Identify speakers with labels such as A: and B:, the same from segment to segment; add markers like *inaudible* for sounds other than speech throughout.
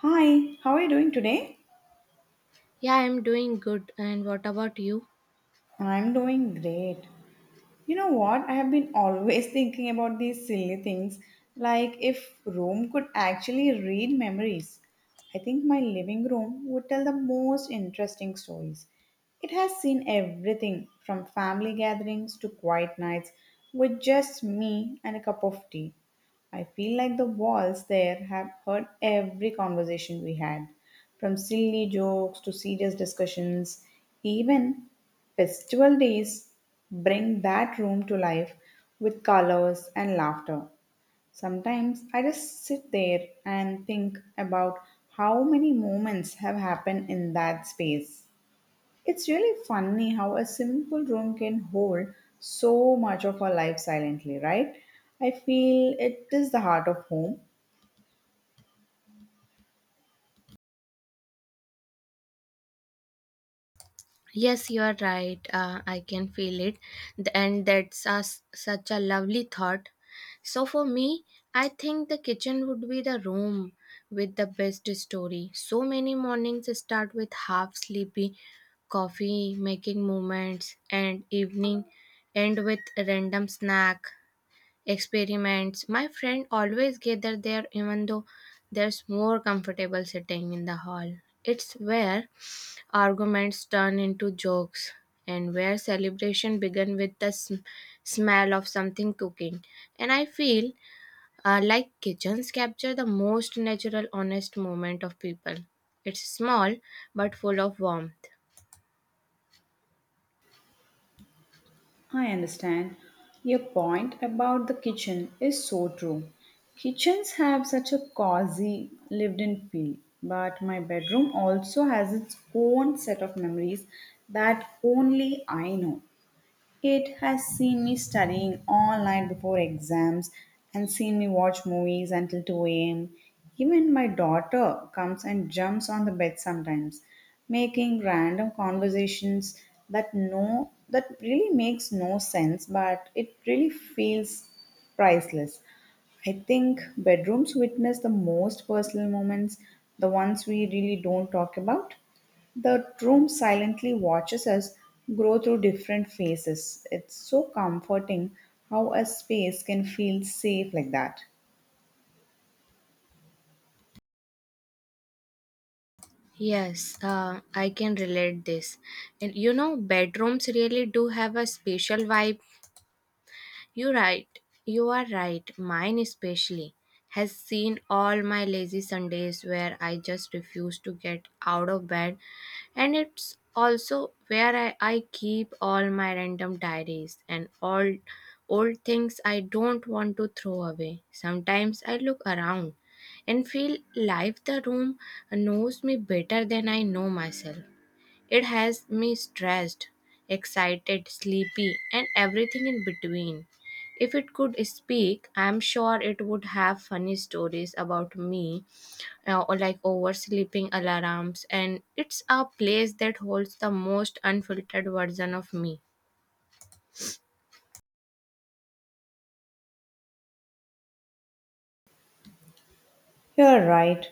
A: Hi, how are you doing today?
B: Yeah, I'm doing good. And what about you?
A: I'm doing great. You know what? I have been always *laughs* thinking about these silly things, like if Rome could actually read memories. I think my living room would tell the most interesting stories. It has seen everything from family gatherings to quiet nights with just me and a cup of tea. I feel like the walls there have heard every conversation we had, from silly jokes to serious discussions. Even festival days bring that room to life with colors and laughter. Sometimes I just sit there and think about how many moments have happened in that space. It's really funny how a simple room can hold so much of our life silently, right? I feel it is the heart of home.
B: Yes, you are right. I can feel it. Th- And that's a s Such a lovely thought. So, for me, I think the kitchen would be the room with the best story. So many mornings start with half sleepy coffee making moments, and evening end with a random snack experiments. My friend always gather there even though there's more comfortable sitting in the hall. It's where arguments turn into jokes and where celebration begin with the smell of something cooking. And I feel like kitchens capture the most natural honest moment of people. It's small but full of warmth.
A: I understand. Your point about the kitchen is so true. Kitchens have such a cozy, lived in feel, but my bedroom also has its own set of memories that only I know. It has seen me studying all night before exams and seen me watch movies until 2 a.m. Even my daughter comes and jumps on the bed sometimes, making random conversations that really makes no sense, but it really feels priceless. I think bedrooms witness the most personal moments, the ones we really don't talk about. The room silently watches us grow through different phases. It's so comforting how a space can feel safe like that.
B: Yes, I can relate this. And you know, bedrooms really do have a special vibe. You're right. You are right. Mine especially has seen all my lazy Sundays where I just refuse to get out of bed. And it's also where I keep all my random diaries and all old things I don't want to throw away. Sometimes I look around and feel like the room knows me better than I know myself. It has me stressed, excited, sleepy, and everything in between. If it could speak, I'm sure it would have funny stories about me, or like oversleeping alarms, and it's a place that holds the most unfiltered version of me.
A: You're right.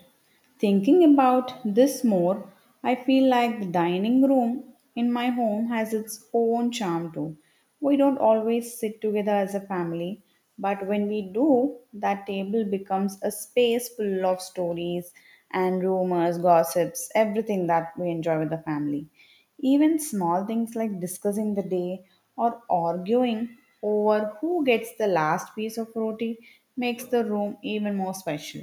A: Thinking about this more, I feel like the dining room in my home has its own charm too. We don't always sit together as a family, but when we do, that table becomes a space full of stories and rumors, gossips, everything that we enjoy with the family. Even small things like discussing the day or arguing over who gets the last piece of roti makes the room even more special.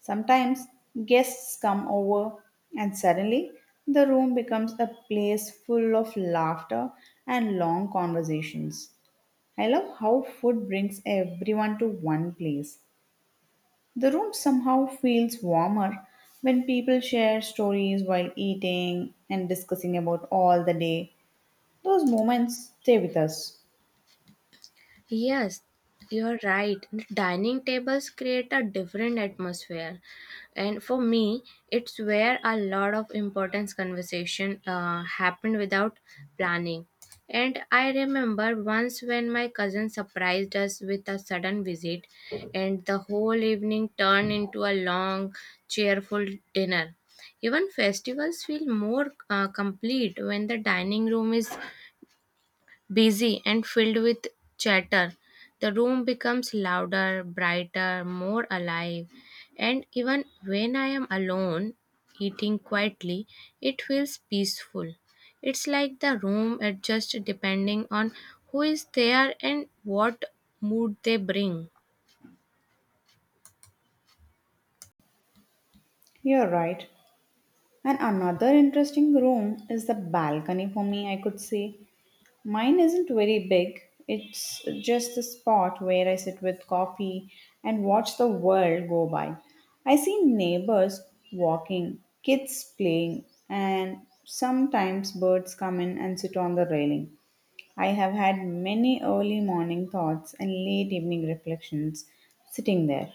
A: Sometimes guests come over, and suddenly the room becomes a place full of laughter and long conversations. I love how food brings everyone to one place. The room somehow feels warmer when people share stories while eating and discussing about all the day. Those moments stay with us.
B: Yes, you're right. The dining tables create a different atmosphere. And for me, it's where a lot of important conversation happened without planning. And I remember once when my cousin surprised us with a sudden visit, and the whole evening turned into a long, cheerful dinner. Even festivals feel more complete when the dining room is busy and filled with chatter. The room becomes louder, brighter, more alive, and even when I am alone eating quietly, it feels peaceful. It's like the room adjusts depending on who is there and what mood they bring.
A: You're right. And another interesting room is the balcony for me, I could say. Mine isn't very big. It's just a spot where I sit with coffee and watch the world go by. I see neighbors walking, kids playing, and sometimes birds come in and sit on the railing. I have had many early morning thoughts and late evening reflections sitting there.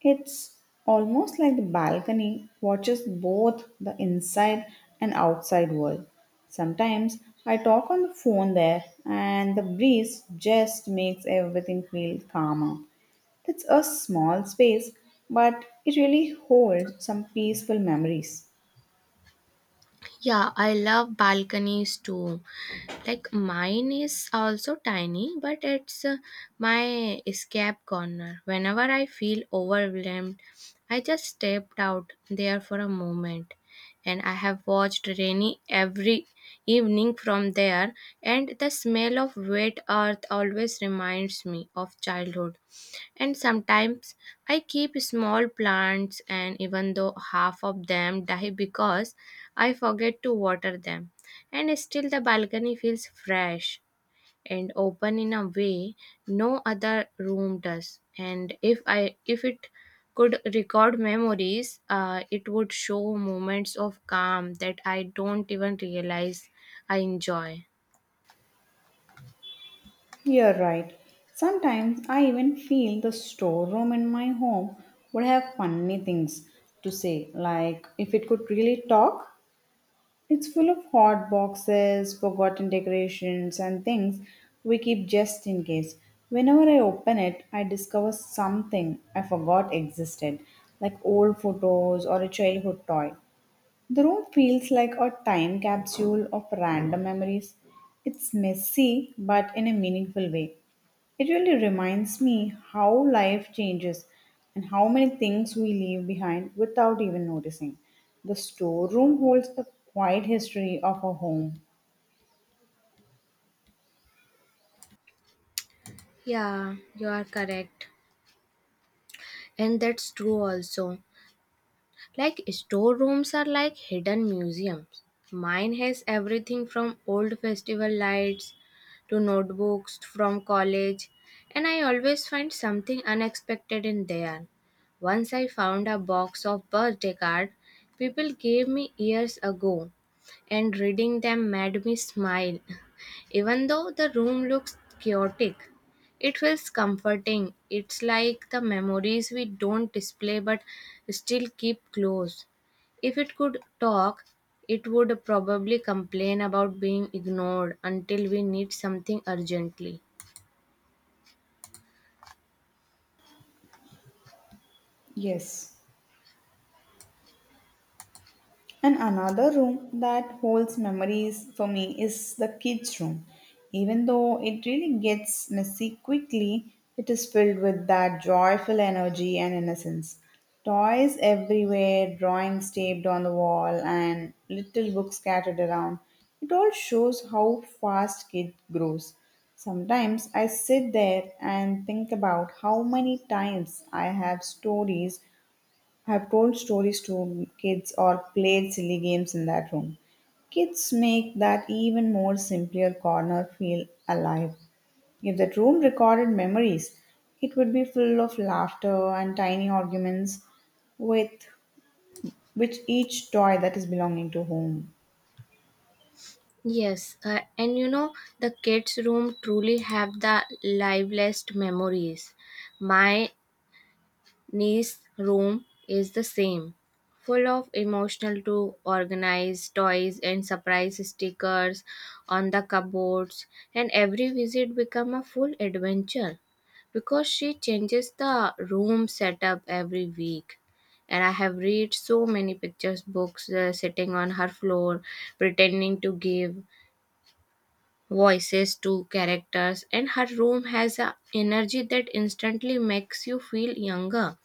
A: It's almost like the balcony watches both the inside and outside world. Sometimes I talk on the phone there, and the breeze just makes everything feel calmer. It's a small space, but it really holds some peaceful memories.
B: Yeah, I love balconies too. Like mine is also tiny, but it's my escape corner. Whenever I feel overwhelmed, I just stepped out there for a moment and I have watched rainy every evening from there and the smell of wet earth always reminds me of childhood and sometimes I keep small plants, and even though half of them die because I forget to water them, and still the balcony feels fresh and open in a way no other room does. And if it could record memories, it would show moments of calm that I don't even realize I enjoy.
A: You're right. Sometimes I even feel the storeroom in my home would have funny things to say, like if it could really talk. It's full of hot boxes, forgotten decorations, and things we keep just in case. Whenever I open it, I discover something I forgot existed, like old photos or a childhood toy. The room feels like a time capsule of random memories. It's messy, but in a meaningful way. It really reminds me how life changes and how many things we leave behind without even noticing. The storeroom holds a quiet history of our home.
B: Yeah, you are correct. And that's true also. Like storerooms are like hidden museums. Mine has everything from old festival lights to notebooks from college, and I always find something unexpected in there. Once I found a box of birthday cards people gave me years ago, and reading them made me smile even though the room looks chaotic, it feels comforting. It's like the memories we don't display but still keep close. If it could talk, it would probably complain about being ignored until we need something urgently.
A: Yes. And another room that holds memories for me is the kids' room. Even though it really gets messy quickly, it is filled with that joyful energy and innocence. Toys everywhere, drawings taped on the wall, and little books scattered around. It all shows how fast kid grows. Sometimes I sit there and think about how many times I have stories I've told stories to kids or played silly games in that room. Kids make that even more simpler corner feel alive. If that room recorded memories, it would be full of laughter and tiny arguments with which each toy that is belonging to home.
B: Yes, and you know, the kids' room truly have the liveliest memories. My Niece's room is the same, full of emotional to organized toys and surprise stickers on the cupboards, and every visit becomes a full adventure because she changes the room setup every week. And I have read so many pictures books sitting on her floor, pretending to give voices to characters, and her room has a energy that instantly makes you feel younger.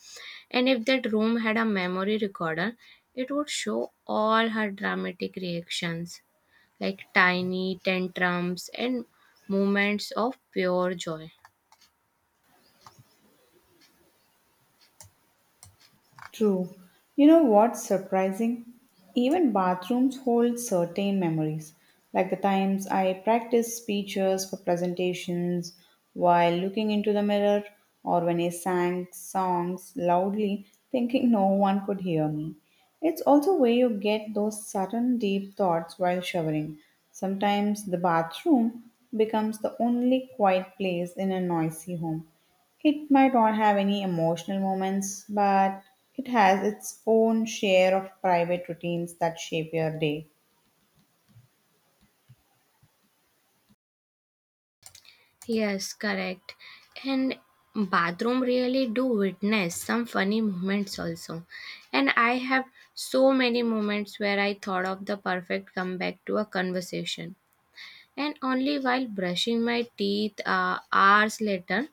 B: And if that room had a memory recorder, it would show all her dramatic reactions, like tiny tantrums and moments of pure joy.
A: True. You know what's surprising? Even bathrooms hold certain memories, like the times I practiced speeches for presentations while looking into the mirror, or when I sang songs loudly thinking no one could hear me. It's also where you get those sudden deep thoughts while showering. Sometimes the bathroom becomes the only quiet place in a noisy home. It might not have any emotional moments, but it has its own share of private routines that shape your day.
B: Yes, correct. And bathroom really do witness some funny moments also. And I have so many moments where I thought of the perfect comeback to a conversation. And only while brushing my teeth hours later,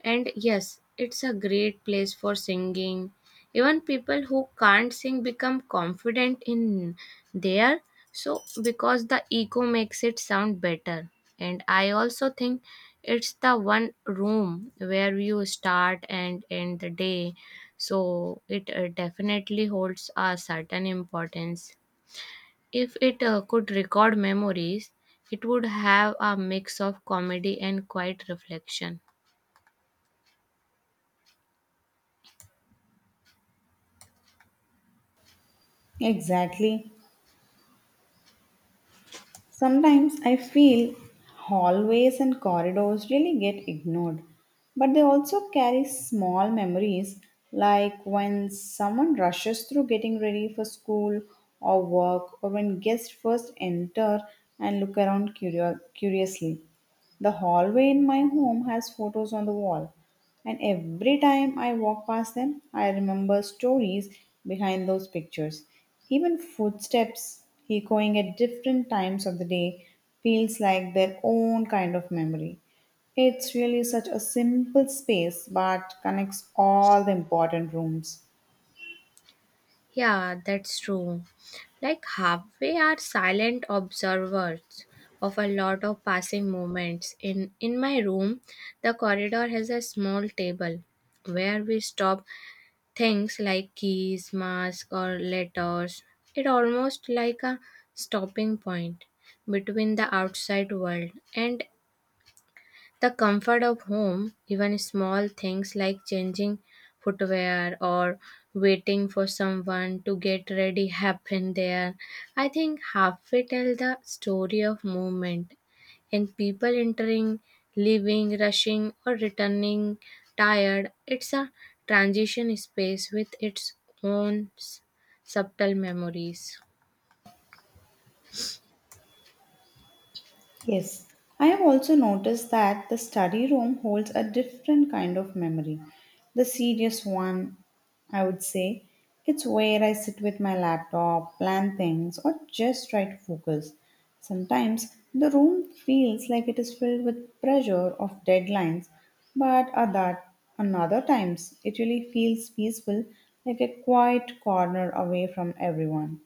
B: and yes, it's a great place for singing. Even people who can't sing become confident in there. So, because the echo makes it sound better. And I also think it's the one room where you start and end the day. So, it definitely holds a certain importance. If it could record memories, it would have a mix of comedy and quiet reflection.
A: Exactly. Sometimes I feel hallways and corridors really get ignored, but they also carry small memories like when someone rushes through getting ready for school or work, or when guests first enter and look around curiously. The hallway in my home has photos on the wall, and every time I walk past them, I remember stories behind those pictures. Even footsteps echoing at different times of the day feels like their own kind of memory. It's really such a simple space but connects all the important rooms.
B: Yeah, that's true. Like halfway are silent observers of a lot of passing moments. In my room, the corridor has a small table where we stop things like keys, mask or letters. It almost like a stopping point between the outside world and the comfort of home, even small things like changing footwear or waiting for someone to get ready, happen there. I think halfway tell the story of movement and people entering, leaving, rushing, or returning tired. It's a transition space with its own subtle memories.
A: Yes, I have also noticed that the study room holds a different kind of memory. The serious one, I would say. It's where I sit with my laptop, plan things, or just try to focus. Sometimes the room feels like it is filled with pressure of deadlines, but another times it really feels peaceful, like a quiet corner away from everyone.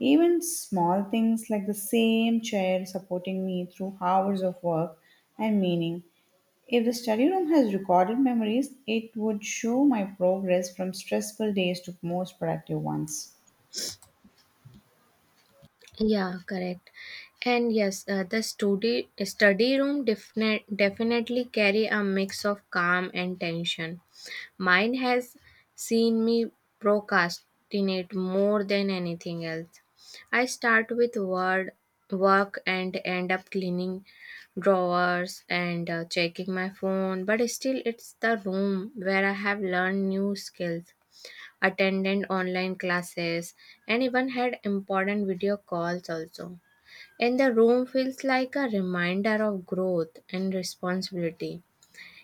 A: Even small things like the same chair supporting me through hours of work and meaning. If the study room has recorded memories, it would show my progress from stressful days to most productive ones.
B: Yeah, correct. And yes, the study room definitely carry a mix of calm and tension. Mine has seen me procrastinate more than anything else. I start with word work and end up cleaning drawers and checking my phone, but still it's the room where I have learned new skills attended online classes, and even had important video calls also. And the room feels like a reminder of growth and responsibility.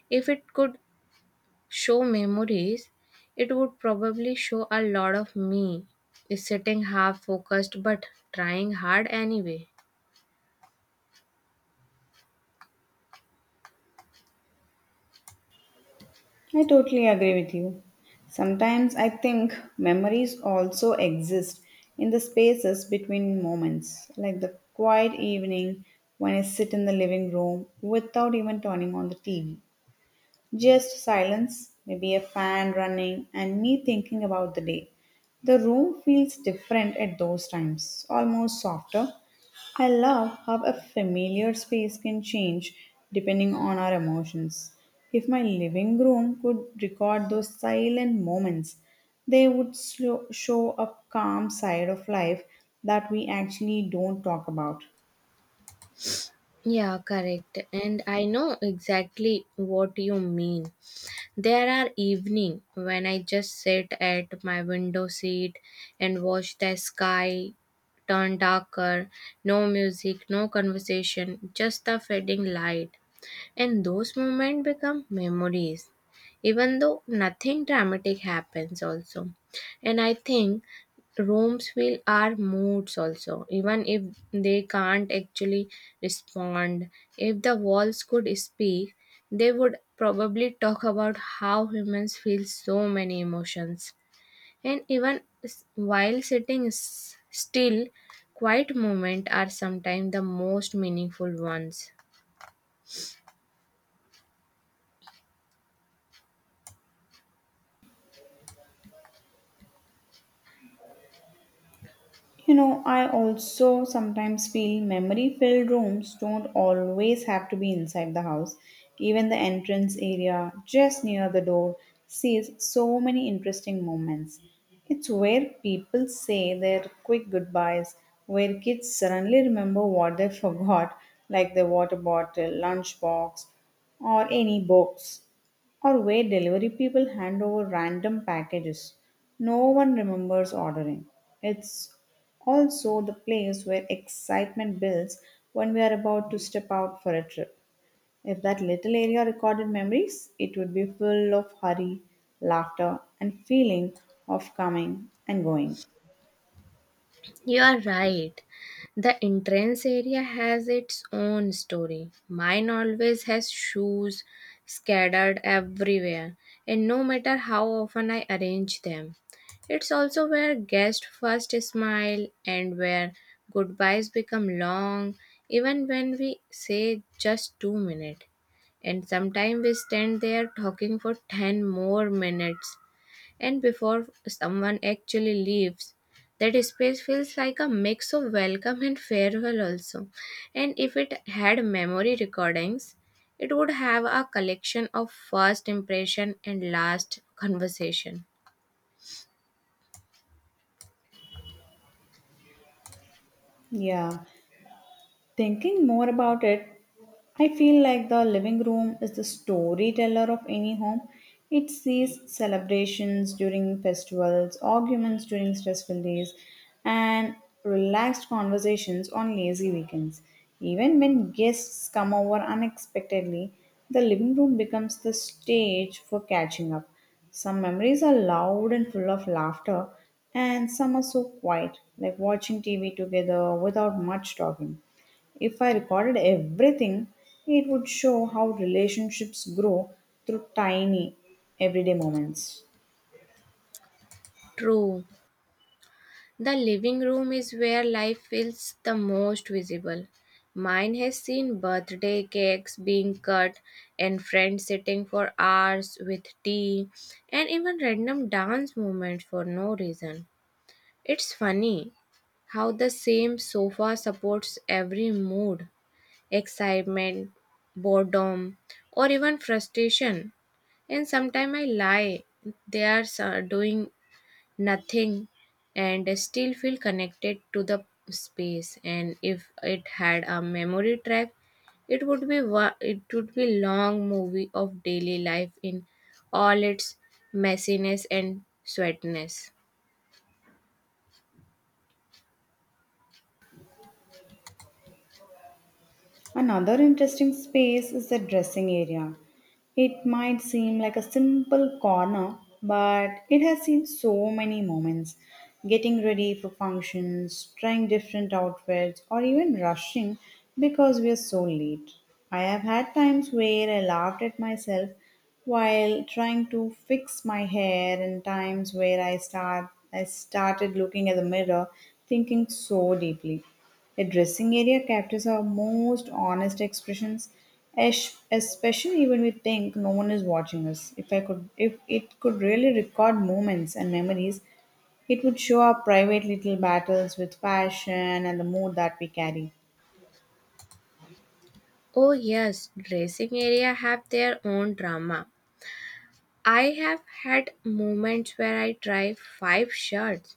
B: If it could show memories, it would probably show a lot of me sitting half focused but trying hard anyway.
A: I totally agree with you. Sometimes I think memories also exist in the spaces between moments, like the quiet evening when I sit in the living room without even turning on the TV, just silence, maybe a fan running, and me thinking about the day. The room feels different at those times, almost softer. I love how a familiar space can change depending on our emotions. If my living room could record those silent moments, they would show a calm side of life that we actually don't talk about.
B: Yeah, correct. And I know exactly what you mean. There are evening when I just sit at my window seat and watch the sky turn darker, no music, no conversation, just the fading light and those moments become memories, even though nothing dramatic happens, also. And I think rooms feel our moods also, even if they can't actually respond. If the walls could speak, they would probably talk about how humans feel so many emotions. And even while sitting still, quiet moments are sometimes the most meaningful ones.
A: You know, I also sometimes feel memory filled rooms don't always have to be inside the house. Even the entrance area, just near the door, sees so many interesting moments. It's where people say their quick goodbyes, where kids suddenly remember what they *laughs* forgot, like their water bottle, lunchbox, or any books, or where delivery people hand over random packages no one remembers ordering. It's also the place where excitement builds when we are about to step out for a trip. If that little area recorded memories, it would be full of hurry, laughter, and feeling of coming and going.
B: You are right. The entrance area has its own story. Mine always has shoes scattered everywhere, and no matter how often I arrange them. It's also where guests first smile and where goodbyes become long, even when we say just 2 minutes. And sometimes we stand there talking for 10 more minutes and before someone actually leaves, that space feels like a mix of welcome and farewell, also. And if it had memory recordings, it would have a collection of first impression and last conversation.
A: Yeah. Thinking more about it, I feel like the living room is the storyteller of any home. It sees celebrations during festivals, arguments during stressful days, and relaxed conversations on lazy weekends. Even when guests come over unexpectedly, the living room becomes the stage for catching up. Some memories are loud and full of laughter, and some are so quiet, like watching TV together without much talking. If I recorded everything, it would show how relationships grow through tiny everyday moments.
B: True. The living room is where life feels the most visible. Mine has seen birthday cakes being cut and friends sitting for hours with tea and even random dance movements for no reason. It's funny how the same sofa supports every mood excitement, boredom, or even frustration. And sometimes I lie, they are doing nothing and still feel connected to the space. And if it had a memory track, it would be long movie of daily life in all its messiness and sweatness.
A: Another interesting space is the dressing area. It might seem like a simple corner, but it has seen so many moments. Getting ready for functions, trying different outfits, or even rushing because we are so late. I have had times where I laughed at myself while trying to fix my hair and times where I started looking at the mirror thinking so deeply. A dressing area captures our most honest expressions, especially when we think no one is watching us. If it could really record moments and memories, it would show our private little battles with fashion and the mood that we carry.
B: Oh yes, dressing area have their own drama. I have had moments where I tried five shirts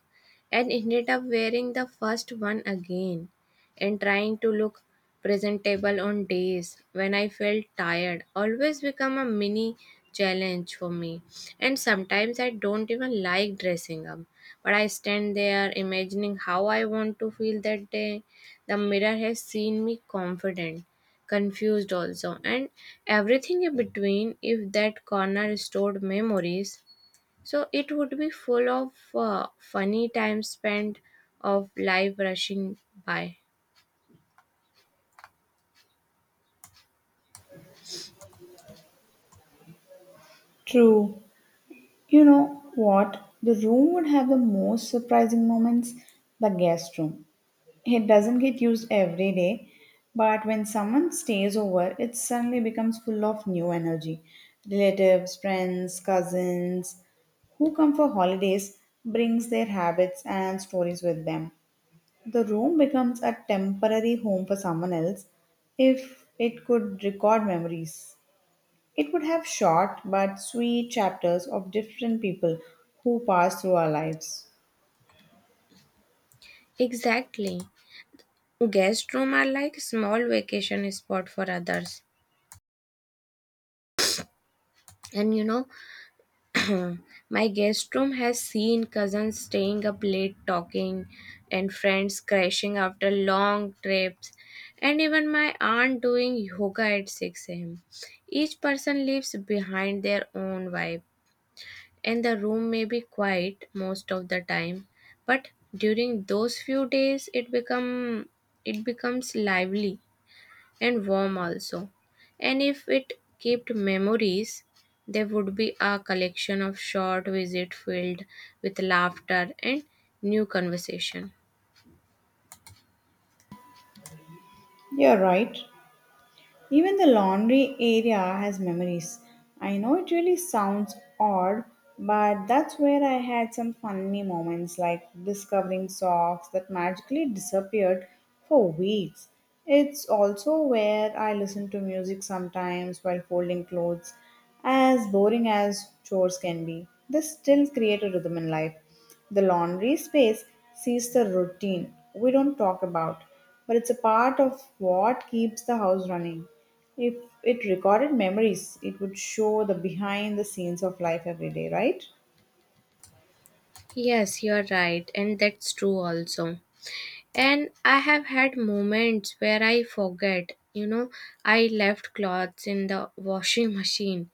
B: and ended up wearing the first one again and trying to look presentable on days when I felt tired always become a mini challenge for me and sometimes I don't even like dressing up but I stand there imagining how I want to feel that day the mirror has seen me confident confused also and everything in between if that corner stored memories so it would be full of funny time spent of life rushing by.
A: True. You know what? The room would have the most surprising moments, the guest room. It doesn't get used every day, but when someone stays over, it suddenly becomes full of new energy. Relatives, friends, cousins who come for holidays brings their habits and stories with them. The room becomes a temporary home for someone else. If it could record memories, it would have short but sweet chapters of different people who pass through our lives.
B: Exactly, guest room are like small vacation spot for others and you know, *clears throat* my guest room has seen cousins staying up late talking and friends crashing after long trips, and even my aunt doing yoga at 6 am. Each person leaves behind their own vibe, and the room may be quiet most of the time, but during those few days it becomes lively and warm also. And if it kept memories, there would be a collection of short visits filled with laughter and new conversation.
A: You're right. Even the laundry area has memories. I know it really sounds odd, but that's where I had some funny moments like discovering socks that magically disappeared for weeks. It's also where I listen to music sometimes while folding clothes. As boring as chores can be, they still create a rhythm in life. The laundry space sees the routine we don't talk about, but it's a part of what keeps the house running. If it recorded memories, it would show the behind the scenes of life every day, right?
B: Yes, you're right, and that's true also. And I have had moments where I forget, you know, I left clothes in the washing machine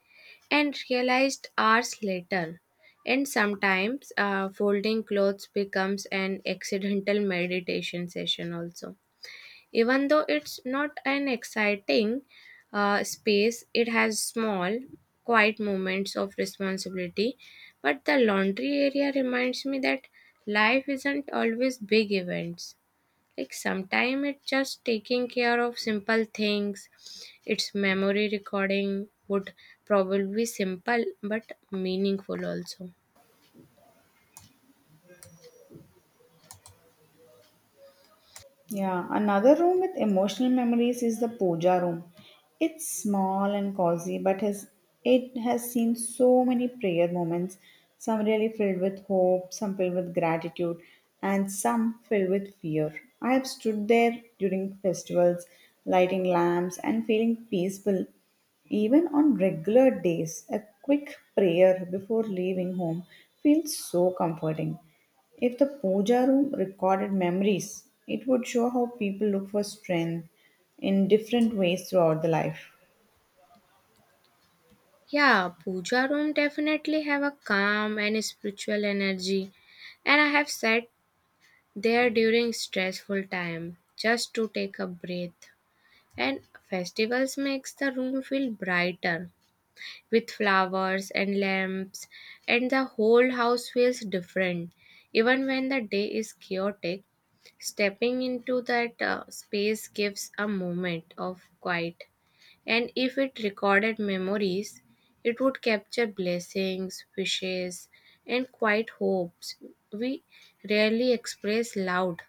B: and realized hours later. And sometimes folding clothes becomes an accidental *laughs* meditation session also. Even though it's not an exciting space, it has small, quiet moments of responsibility. But the laundry area reminds me that life isn't always big events. Like sometimes it's just taking care of simple things. Its memory recording would probably be simple but meaningful also.
A: Yeah, another room with emotional memories is the puja room. It's small and cozy, but has it has seen so many prayer moments, some really filled with hope, some filled with gratitude, and some filled with fear. I have stood there during festivals, lighting lamps and feeling peaceful. Even on regular days, a quick prayer before leaving home feels so comforting. If the puja room recorded memories, it would show how people look for strength in different ways throughout the life.
B: Yeah, puja room definitely have a calm and spiritual energy and I have sat there during stressful time just to take a breath and festivals makes the room feel brighter with flowers and lamps and the whole house feels different even when the day is chaotic stepping into that space gives a moment of quiet and if it recorded memories it would capture blessings wishes and quiet hopes we rarely express loud.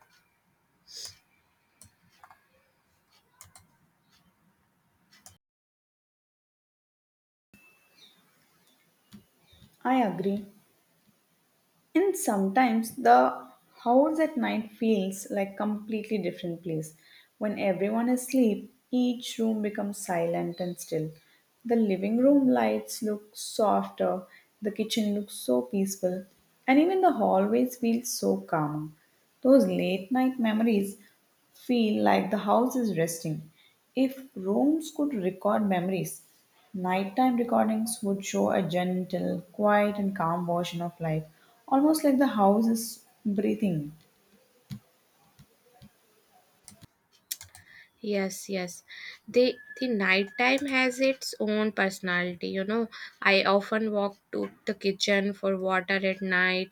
A: I agree. And sometimes the house at night feels like completely different place. When everyone is asleep, each room becomes silent and still. The living room lights look softer, the kitchen looks so peaceful, and even the hallways feel so calmer. Those late night memories feel like the house is resting. If rooms could record memories, nighttime recordings would show a gentle, quiet, and calm version of life, almost like the house is breathing.
B: Yes, yes. The nighttime has its own personality, you know. I often walk to the kitchen for water at night,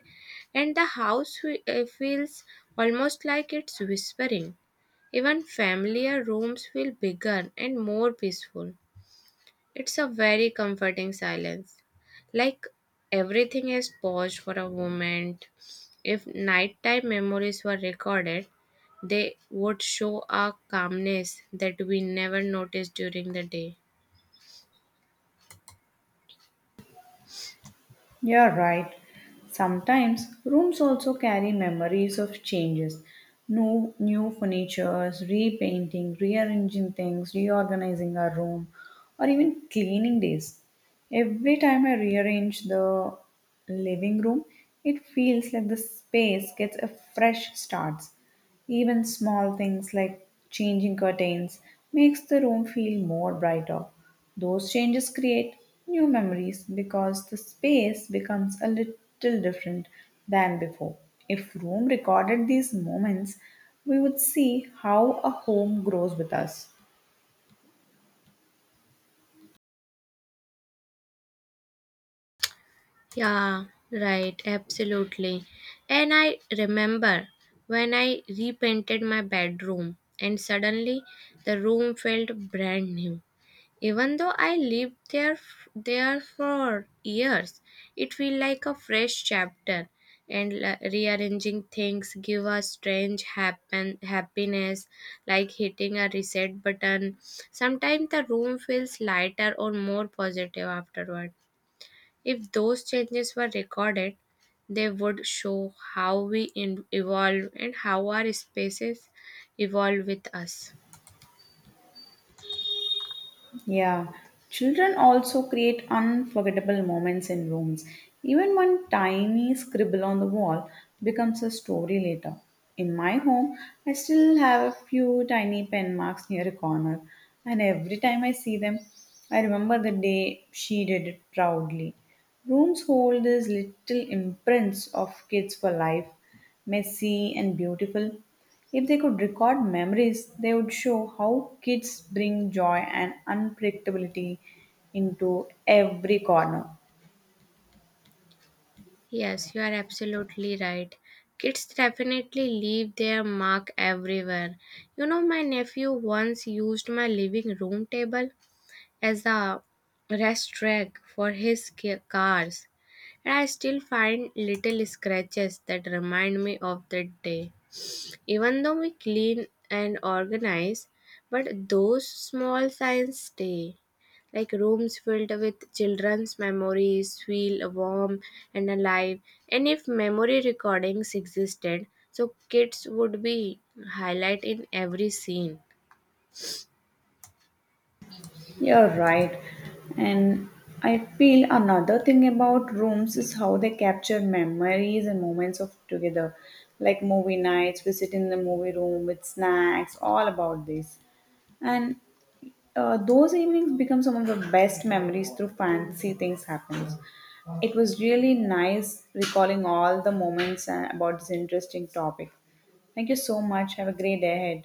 B: and the house feels almost like it's whispering. Even familiar rooms feel bigger and more peaceful. It's a very comforting silence. Like everything is paused for a moment. If nighttime memories were recorded, they would show a calmness that we never noticed during the day.
A: You're right. Sometimes rooms also carry memories of changes. New furnitures, repainting, rearranging things, reorganizing our room, or even cleaning days. Every time I rearrange the living room, it feels like the space gets a fresh start. Even small things like changing curtains makes the room feel more brighter. Those changes create new memories because the space becomes a little different than before. If room recorded these moments, we would see how a home grows with us.
B: Yeah, right, absolutely. And I remember when I repainted my bedroom, and suddenly the room felt brand new. Even though I lived there f- there for years, it feels like a fresh chapter. And rearranging things give a strange happen happiness, like hitting a reset button. Sometimes the room feels lighter or more positive afterward. If those changes were recorded, they would show how we evolve and how our spaces evolve with us.
A: Yeah, children also create unforgettable moments in rooms. Even one tiny scribble on the wall becomes a story later. In my home, I still have a few tiny pen marks near a corner, and every time I see them, I remember the day she did it proudly. Rooms hold these little imprints of kids for life, messy and beautiful. If they could record memories, they would show how kids bring joy and unpredictability into every corner.
B: Yes, you are absolutely right. Kids definitely leave their mark everywhere. You know, my nephew once used my living room table as a rest rack for his cars, and I still find little scratches that remind me of that day even though we clean and organize but those small signs stay like rooms filled with children's memories feel warm and alive and if memory recordings existed so kids would be highlight in every scene.
A: You're right. And I feel another thing about rooms is how they capture memories and moments of together. Like movie nights, we sit in the movie room with snacks, all about this, and those evenings become some of the best memories through fancy things happens. It was really nice recalling all the moments about this interesting topic. Thank you so much. Have a great day ahead.